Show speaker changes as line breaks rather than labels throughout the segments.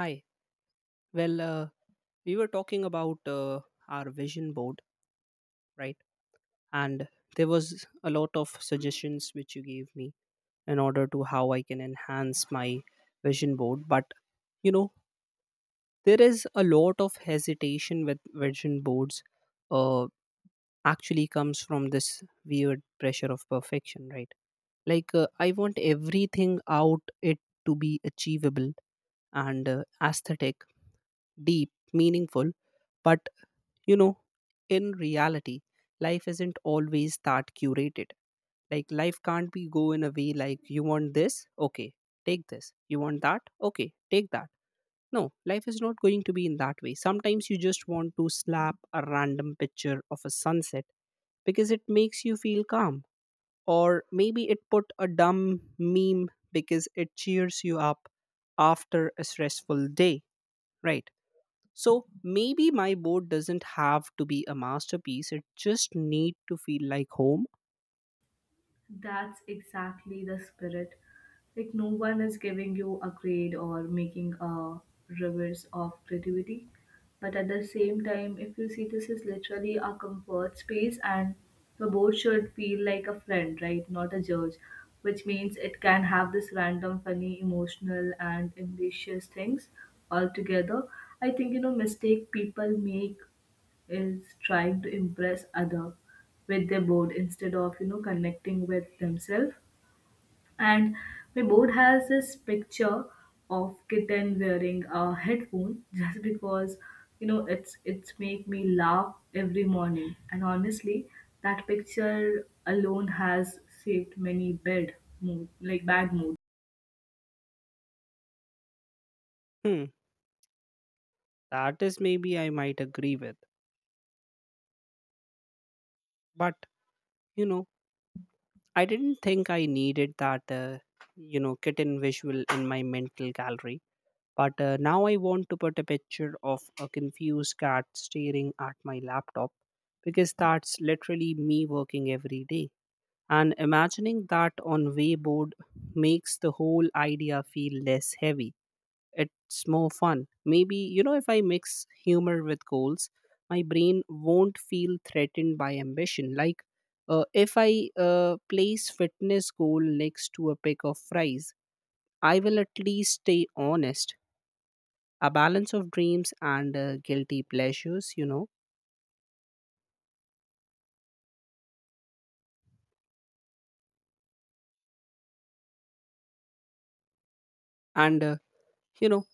Hi. Well, uh, we were talking about our vision board, right? And there was a lot of suggestions which you gave me in order to how I can enhance my vision board. But you know, there is a lot of hesitation with vision boards. Uh, Actually, comes from this weird pressure of perfection, right? Like I want everything out it to be achievable and aesthetic, deep, meaningful. But you know, in reality, life isn't always that curated. Like life can't be go in a way like you want this, okay, take this. You want that, okay, take that. No, life is not going to be in that way. Sometimes you just want to slap a random picture of a sunset because it makes you feel calm. Or maybe it put a dumb meme because it cheers you up after a stressful day, right? So maybe my boat doesn't have to be a masterpiece. It just need to feel like home.
That's exactly the spirit. Like, no one is giving you a grade or making a reverse of creativity. But at the same time, if you see, this is literally a comfort space, and the board should feel like a friend, right? Not a judge, which means it can have this random, funny, emotional, and ambitious things all together. I think mistake people make is trying to impress other with their board instead of connecting with themselves, and my board has this picture of kitten wearing a headphone just because it's make me laugh every morning, and honestly that picture alone has saved many bad mood, like bad moods.
Hmm, that is maybe I might agree with. But you know, I didn't think I needed that you know kitten visual in my mental gallery. But now I want to put a picture of a confused cat staring at my laptop because that's literally me working every day. And imagining that on Wayboard makes the whole idea feel less heavy. It's more fun. Maybe, you know, if I mix humor with goals, my brain won't feel threatened by ambition. If I place fitness goal next to a pick of fries, I will at least stay honest. A balance of dreams and guilty pleasures, you know, and you know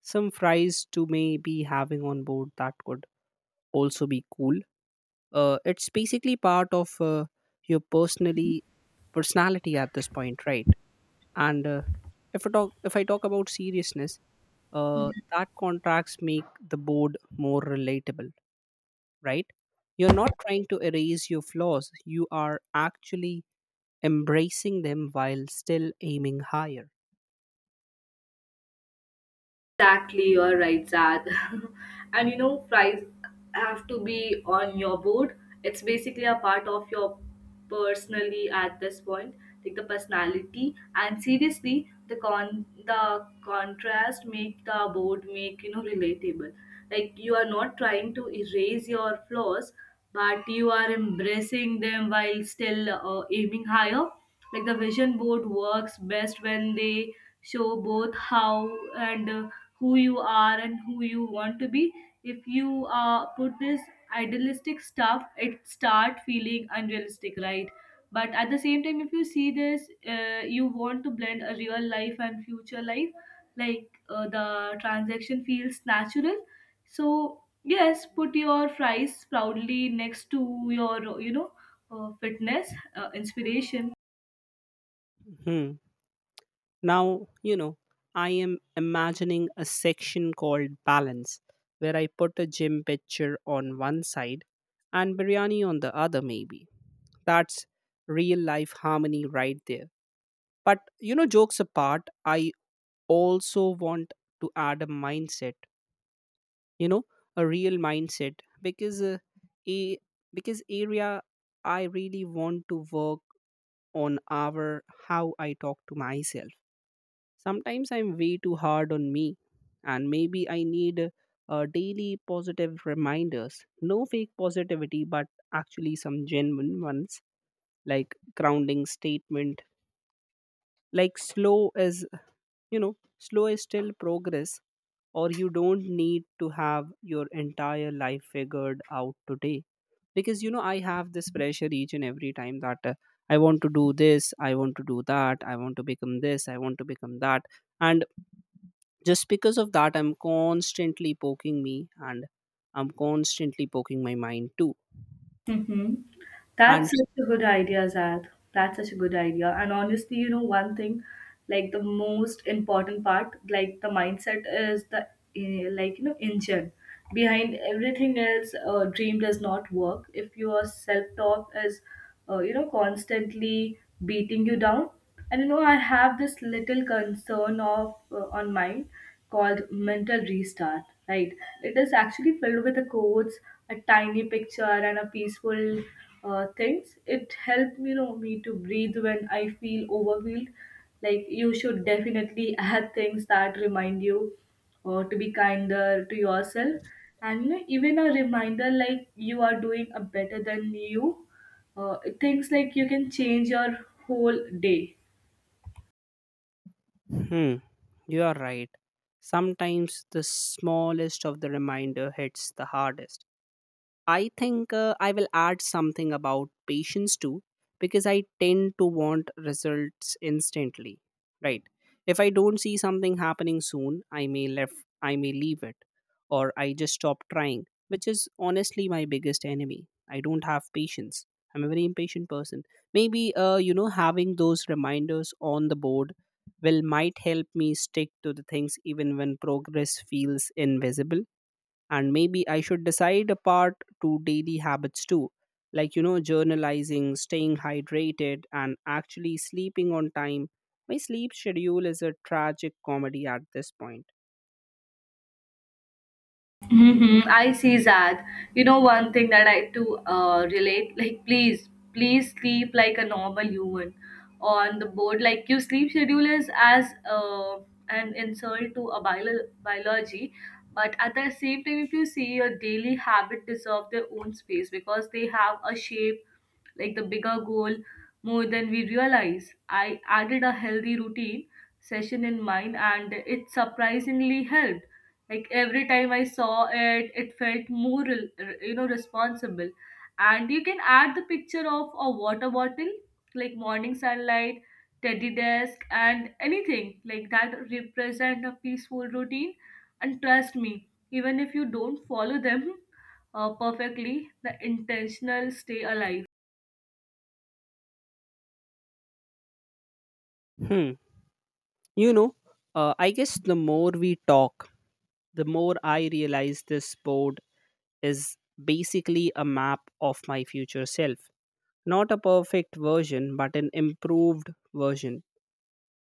some fries to maybe having on board that could also be cool. It's basically part of your personally personality at this point, right? And if I talk about seriousness, that contracts make the board more relatable, right? You're not trying to erase your flaws; you are actually embracing them while still aiming higher.
Exactly, you're right, Zad. And you know, fries have to be on your board. It's basically a part of your personally at this point, like the personality. And seriously, the contrast make the board make you know relatable. Like you are not trying to erase your flaws, but you are embracing them while still aiming higher, like the vision board works best when they show both how and who you are and who you want to be. If you put this idealistic stuff, it start feeling unrealistic, right? But at the same time, if you see this, you want to blend a real life and future life, like the transaction feels natural. So yes, put your fries proudly next to your fitness inspiration.
Hmm. Now, you know, I am imagining a section called balance where I put a gym picture on one side and biryani on the other, maybe. That's real life harmony right there. But, you know, jokes apart, I also want to add a mindset, you know, a real mindset because a because area I really want to work on our how I talk to myself. Sometimes I'm way too hard on me, and maybe I need daily positive reminders. No fake positivity, but actually some genuine ones, like grounding statement, like slow is still progress, or you don't need to have your entire life figured out today. Because, you know, I have this pressure each and every time that I want to do this, I want to do that, I want to become this, I want to become that. And just because of that, I'm constantly poking me, and I'm constantly poking my mind too.
Mhm. That's
And
such a good idea, Zad. That's such a good idea. And honestly, you know, one thing, like the most important part, like the mindset is the, like, you know, engine behind everything else. A dream does not work if your self talk is, you know, constantly beating you down. And you know, I have this little concern of on mine called mental restart. Right? It is actually filled with the quotes, a tiny picture, and a peaceful things. It helped you know me to breathe when I feel overwhelmed. Like you should definitely add things that remind you or to be kinder to yourself. And you know, even a reminder like you are doing a better than you things, like you can change your whole day.
hmm, you are right. Sometimes the smallest of the reminder hits the hardest. I think I will add something about patience too, because I tend to want results instantly. Right. If I don't see something happening soon, I may leave it, or I just stop trying, which is honestly my biggest enemy. I don't have patience. I'm a very impatient person. Maybe you know having those reminders on the board will might help me stick to the things even when progress feels invisible. And maybe I should decide a part to daily habits too, like you know, journalizing, staying hydrated, and actually sleeping on time. My sleep schedule is a tragic comedy at this point.
Mhm, I see that. You know, one thing that I to relate, like please, please sleep like a normal human on the board. Like your sleep schedule is as an insult to a biology, but at the same time, if you see, your daily habit deserve their own space because they have a shape like the bigger goal, more than we realize. I added a healthy routine session in mine and it surprisingly helped. Like every time I saw it, it felt more, responsible. And you can add the picture of a water bottle, like morning sunlight, teddy desk, and anything like that represent a peaceful routine. And trust me, even if you don't follow them perfectly, the intentional stay alive.
Hmm. You know, I guess the more we talk, the more I realize this board is basically a map of my future self. Not a perfect version, but an improved version.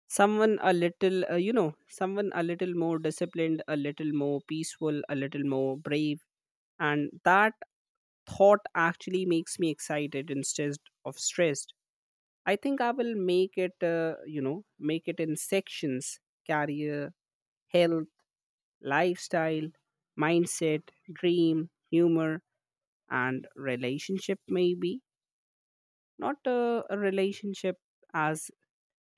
Someone a little more disciplined, a little more peaceful, a little more brave. And that thought actually makes me excited instead of stressed. I think I will make it, make it in sections: career, health, lifestyle, mindset, dream, humor, and relationship, maybe. Not a relationship as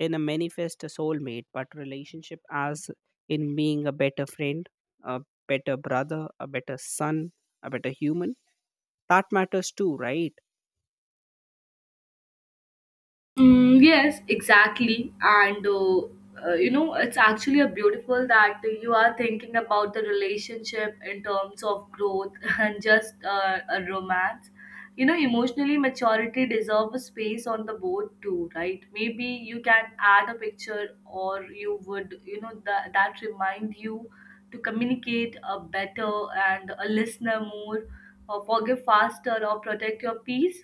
in a manifest a soulmate, but relationship as in being a better friend, a better brother, a better son, a better human. That matters too, right?
Mm, yes, exactly. And you know, it's actually a beautiful that you are thinking about the relationship in terms of growth and just a romance. You know, emotionally maturity deserve a space on the board too, right? Maybe you can add a picture, or you would, you know, that remind you to communicate a better and a listener more, or forgive faster, or protect your peace,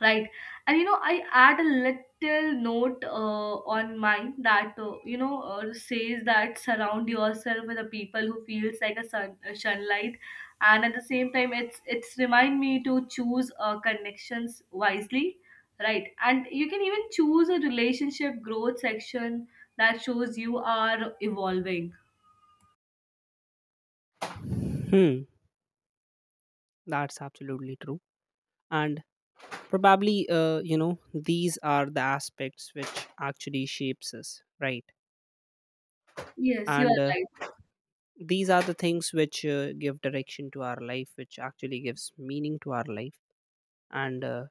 right? And you know, I add a little note on mine that says that surround yourself with the people who feels like a sun, a sunlight. And at the same time, it's remind me to choose connections wisely, right? And you can even choose a relationship growth section that shows you are evolving.
Hmm, that's absolutely true. And probably, you know, these are the aspects which actually shapes us, right?
Yes, you
And
are right.
these are the things which give direction to our life, which actually gives meaning to our life. And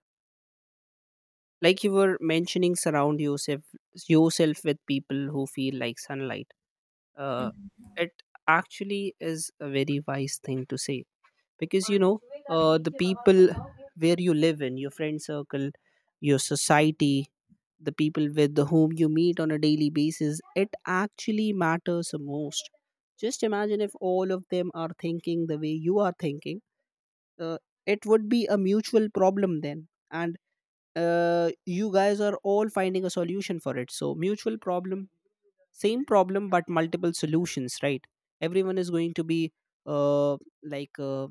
like you were mentioning, surround yourself with people who feel like sunlight. uh, it actually is a very wise thing to say because you know, the people where you live in, your friend circle, your society, the people with whom you meet on a daily basis, it actually matters the most. Just imagine if all of them are thinking the way you are thinking. uh, it would be a mutual problem, then. And you guys are all finding a solution for it, so mutual problem, same problem but multiple solutions, right? Everyone is going to be uh, like uh,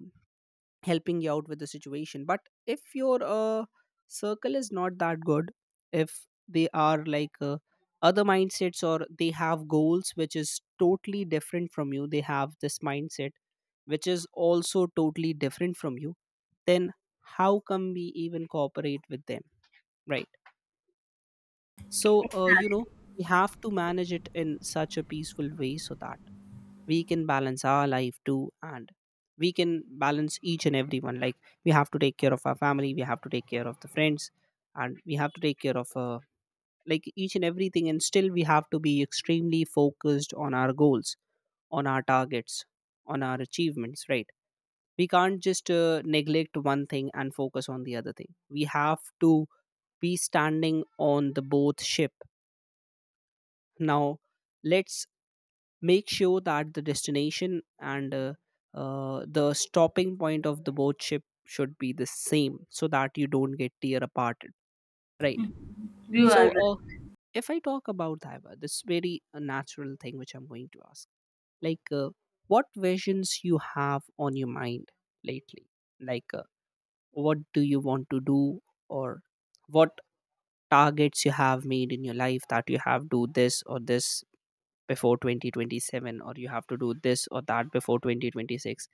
helping you out with the situation. But if your circle is not that good, if they are like other mindsets, or they have goals which is totally different from you, they have this mindset which is also totally different from you, then how come we even cooperate with them, right? So you know, we have to manage it in such a peaceful way so that we can balance our life too, and we can balance each and everyone. Like we have to take care of our family, we have to take care of the friends, and we have to take care of like each and everything, and still we have to be extremely focused on our goals, on our targets, on our achievements, right? We can't just neglect one thing and focus on the other thing. We have to be standing on the both ship. Now let's make sure that the destination and the stopping point of the boat ship should be the same so that you don't get tear aparted, right?
Mhm. You
So
are right.
if I talk about Daiva, this very natural thing which I'm going to ask, like what visions you have on your mind lately, like what do you want to do, or what targets you have made in your life that you have do this or this before 2027, or you have to do this or that before 2026.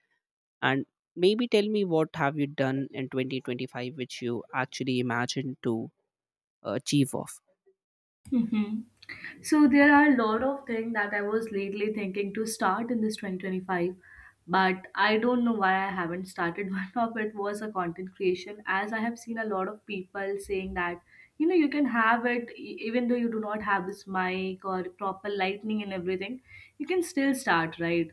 And maybe tell me what have you done in 2025 which you actually imagined to achieve of.
Hmm. So there are a lot of things that I was lately thinking to start in this 2025, but I don't know why I haven't started. One of it was a content creation, as I have seen a lot of people saying that you know you can have it even though you do not have this mic or proper lighting and everything, you can still start, right?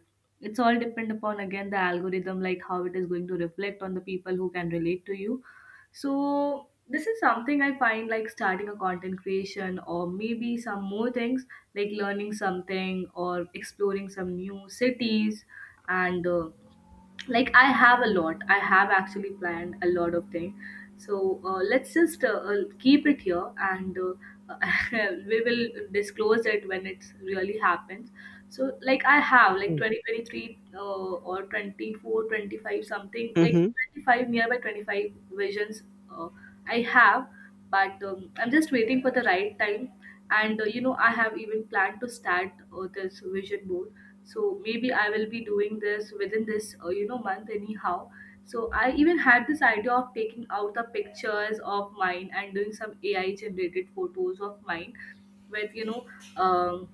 It's all depend upon again the algorithm, like how it is going to reflect on the people who can relate to you. So this is something I find like starting a content creation, or maybe some more things like learning something or exploring some new cities. And I have actually planned a lot of things. So let's just keep it here and we will disclose it when it really happens. So like I have like 2023, or 24, 25, something like
Mm-hmm.
25, nearby 25 visions uh, I have, but I'm just waiting for the right time. And you know, I have even planned to start this vision board, so maybe I will be doing this within this month anyhow. So I even had this idea of taking out the pictures of mine and doing some AI generated photos of mine with you know um,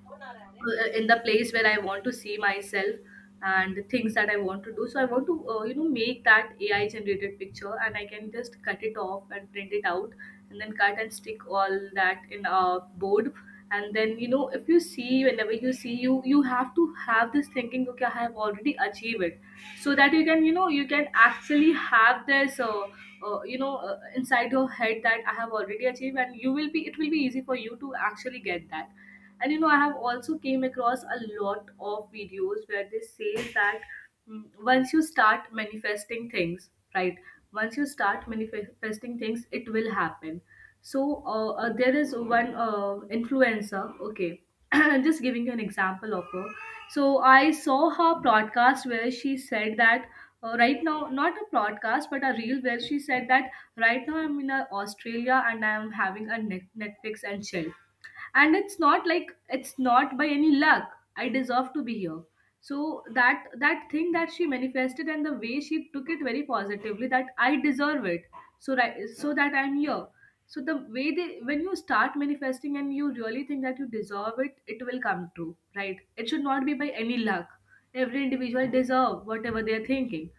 in the place where I want to see myself and the things that I want to do. So I want to, you know, make that AI generated picture and I can just cut it off and print it out and then cut and stick all that in a board. And then, you know, if you see, whenever you see, you have to have this thinking, okay, I have already achieved it. So that you can, you know, you can actually have this, you know, inside your head that I have already achieved, and you will be, it will be easy for you to actually get that. And you know, I have also came across a lot of videos where they say that, mm, once you start manifesting things, right, once you start manifesting things, it will happen. So there is one influencer, okay. I'm just giving you an example of her. So I saw her broadcast where she said that, right now, not a broadcast but a reel, where she said that right now I'm in Australia and I'm having a Netflix and chill. And it's not like, it's not by any luck, I deserve to be here. So that, that thing that she manifested, and the way she took it very positively that I deserve it, so right, so that I'm here. So the way they, when you start manifesting and you really think that you deserve it, it will come true, right? It should not be by any luck. Every individual deserve whatever they are thinking.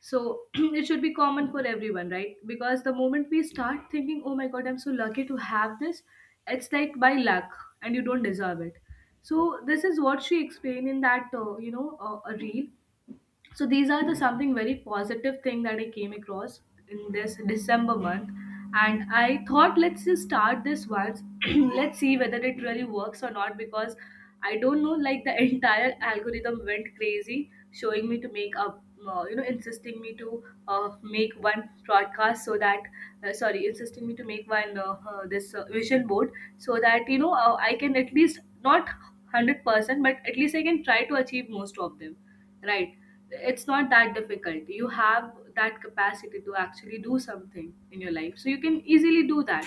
So it should be common for everyone, right? Because the moment we start thinking, oh my god, I'm so lucky to have this, it's like by luck and you don't deserve it. So this is what she explained in that, a reel. So these are the something very positive thing that I came across in this December month. And I thought, let's just start this once. Let's see whether it really works or not, because I don't know, like the entire algorithm went crazy showing me to make up, you know, insisting me to make one broadcast, so that, sorry, insisting me to make one this vision board, so that you know, I can at least not 100%, but at least I can try to achieve most of them. Right. It's not that difficult. You have that capacity to actually do something in your life. So you can easily do that.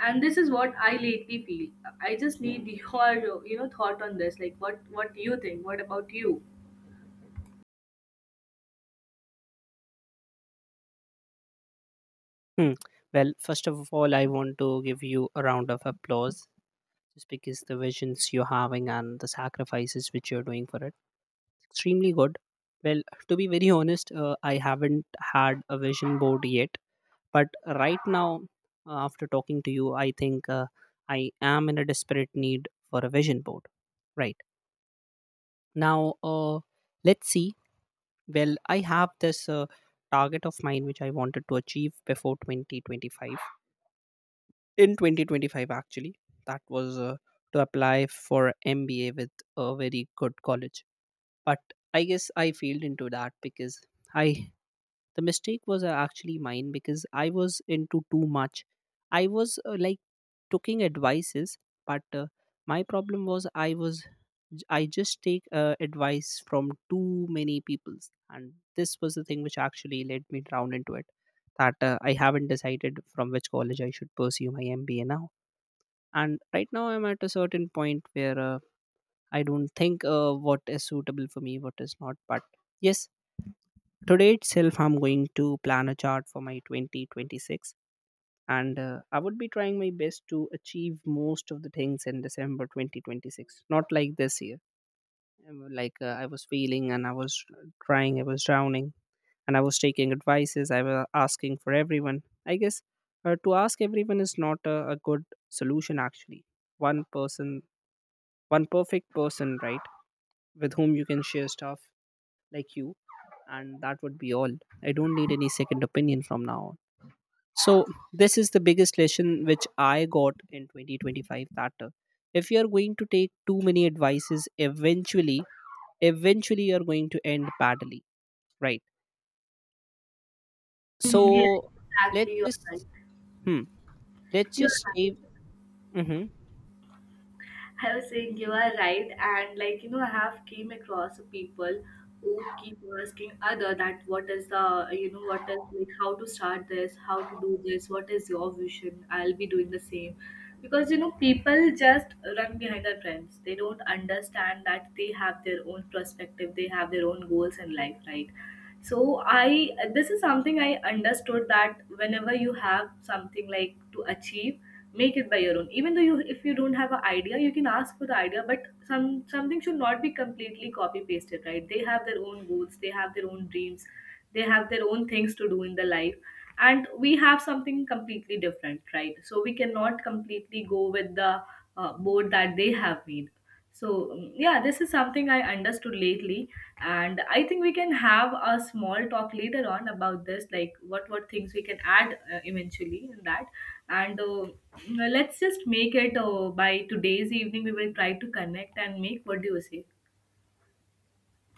And this is what I lately feel. I just need your, you know, thought on this. Like what do you think? What about you?
Hmm. Well, first of all, I want to give you a round of applause just because the visions you're having and the sacrifices which you're doing for it. Extremely good. Well, to be very honest, I haven't had a vision board yet. But right now, after talking to you, I think I am in a desperate need for a vision board, right? Now let's see. Well, I have this target of mine which I wanted to achieve before 2025, in 2025 actually. That was to apply for MBA with a very good college. But I guess I failed into that because I the mistake was actually mine because I was into too much. I was taking advices, but my problem was I just take advice from too many people's, and this was the thing which actually led me down into it, that I haven't decided from which college I should pursue my MBA now. And right now I'm at a certain point where I don't think what is suitable for me, what is not. But yes, today itself, I'm going to plan a chart for my 2026. And I would be trying my best to achieve most of the things in December 2026. Not like this year. Like I was failing and I was trying, I was drowning, and I was taking advices, I was asking for everyone. I guess to ask everyone is not a good solution, actually. One person, one perfect person, right? With whom you can share stuff, like you, and that would be all. I don't need any second opinion from now on. So this is the biggest lesson which I got in 2025, that if you are going to take too many advices, eventually you are going to end badly, right?
Mm, yes,
So let's
exactly. You're right.
just, hmm, let's
You're
just
right.
stay. Hmm.
I was saying you are right, and like you know, I have came across people who keep asking other that what is the you know, what is like how to start this, how to do this, what is your vision? I'll be doing the same, because you know people just run behind their friends. They don't understand that they have their own perspective, they have their own goals in life, right? So I, this is something I understood that whenever you have something like to achieve, make it by your own. Even though you, if you don't have an idea, you can ask for the idea, but something should not be completely copy pasted, right? They have their own goals, they have their own dreams, they have their own things to do in the life, and we have something completely different, right? So we cannot completely go with the board that they have made. So, mm, yeah, this is something I understood lately, and I think we can have a small talk later on about this, like what things we can add eventually in that. And mm, let's just make it by today's evening. We will try to connect and make. What do you say?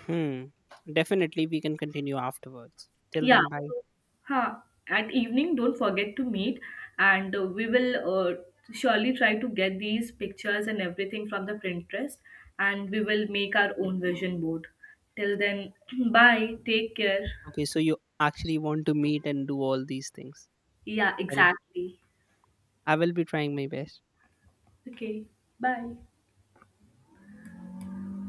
Hmm, definitely we can continue afterwards. Till
Yeah.
then, bye.
So, huh. At evening, don't forget to meet, and we will surely try to get these pictures and everything from the Pinterest, and we will make our own vision board. Till then, bye. Take care.
Okay, so you actually want to meet and do all these things.
Yeah,
Well,
exactly.
I will be trying my best.
Okay, bye.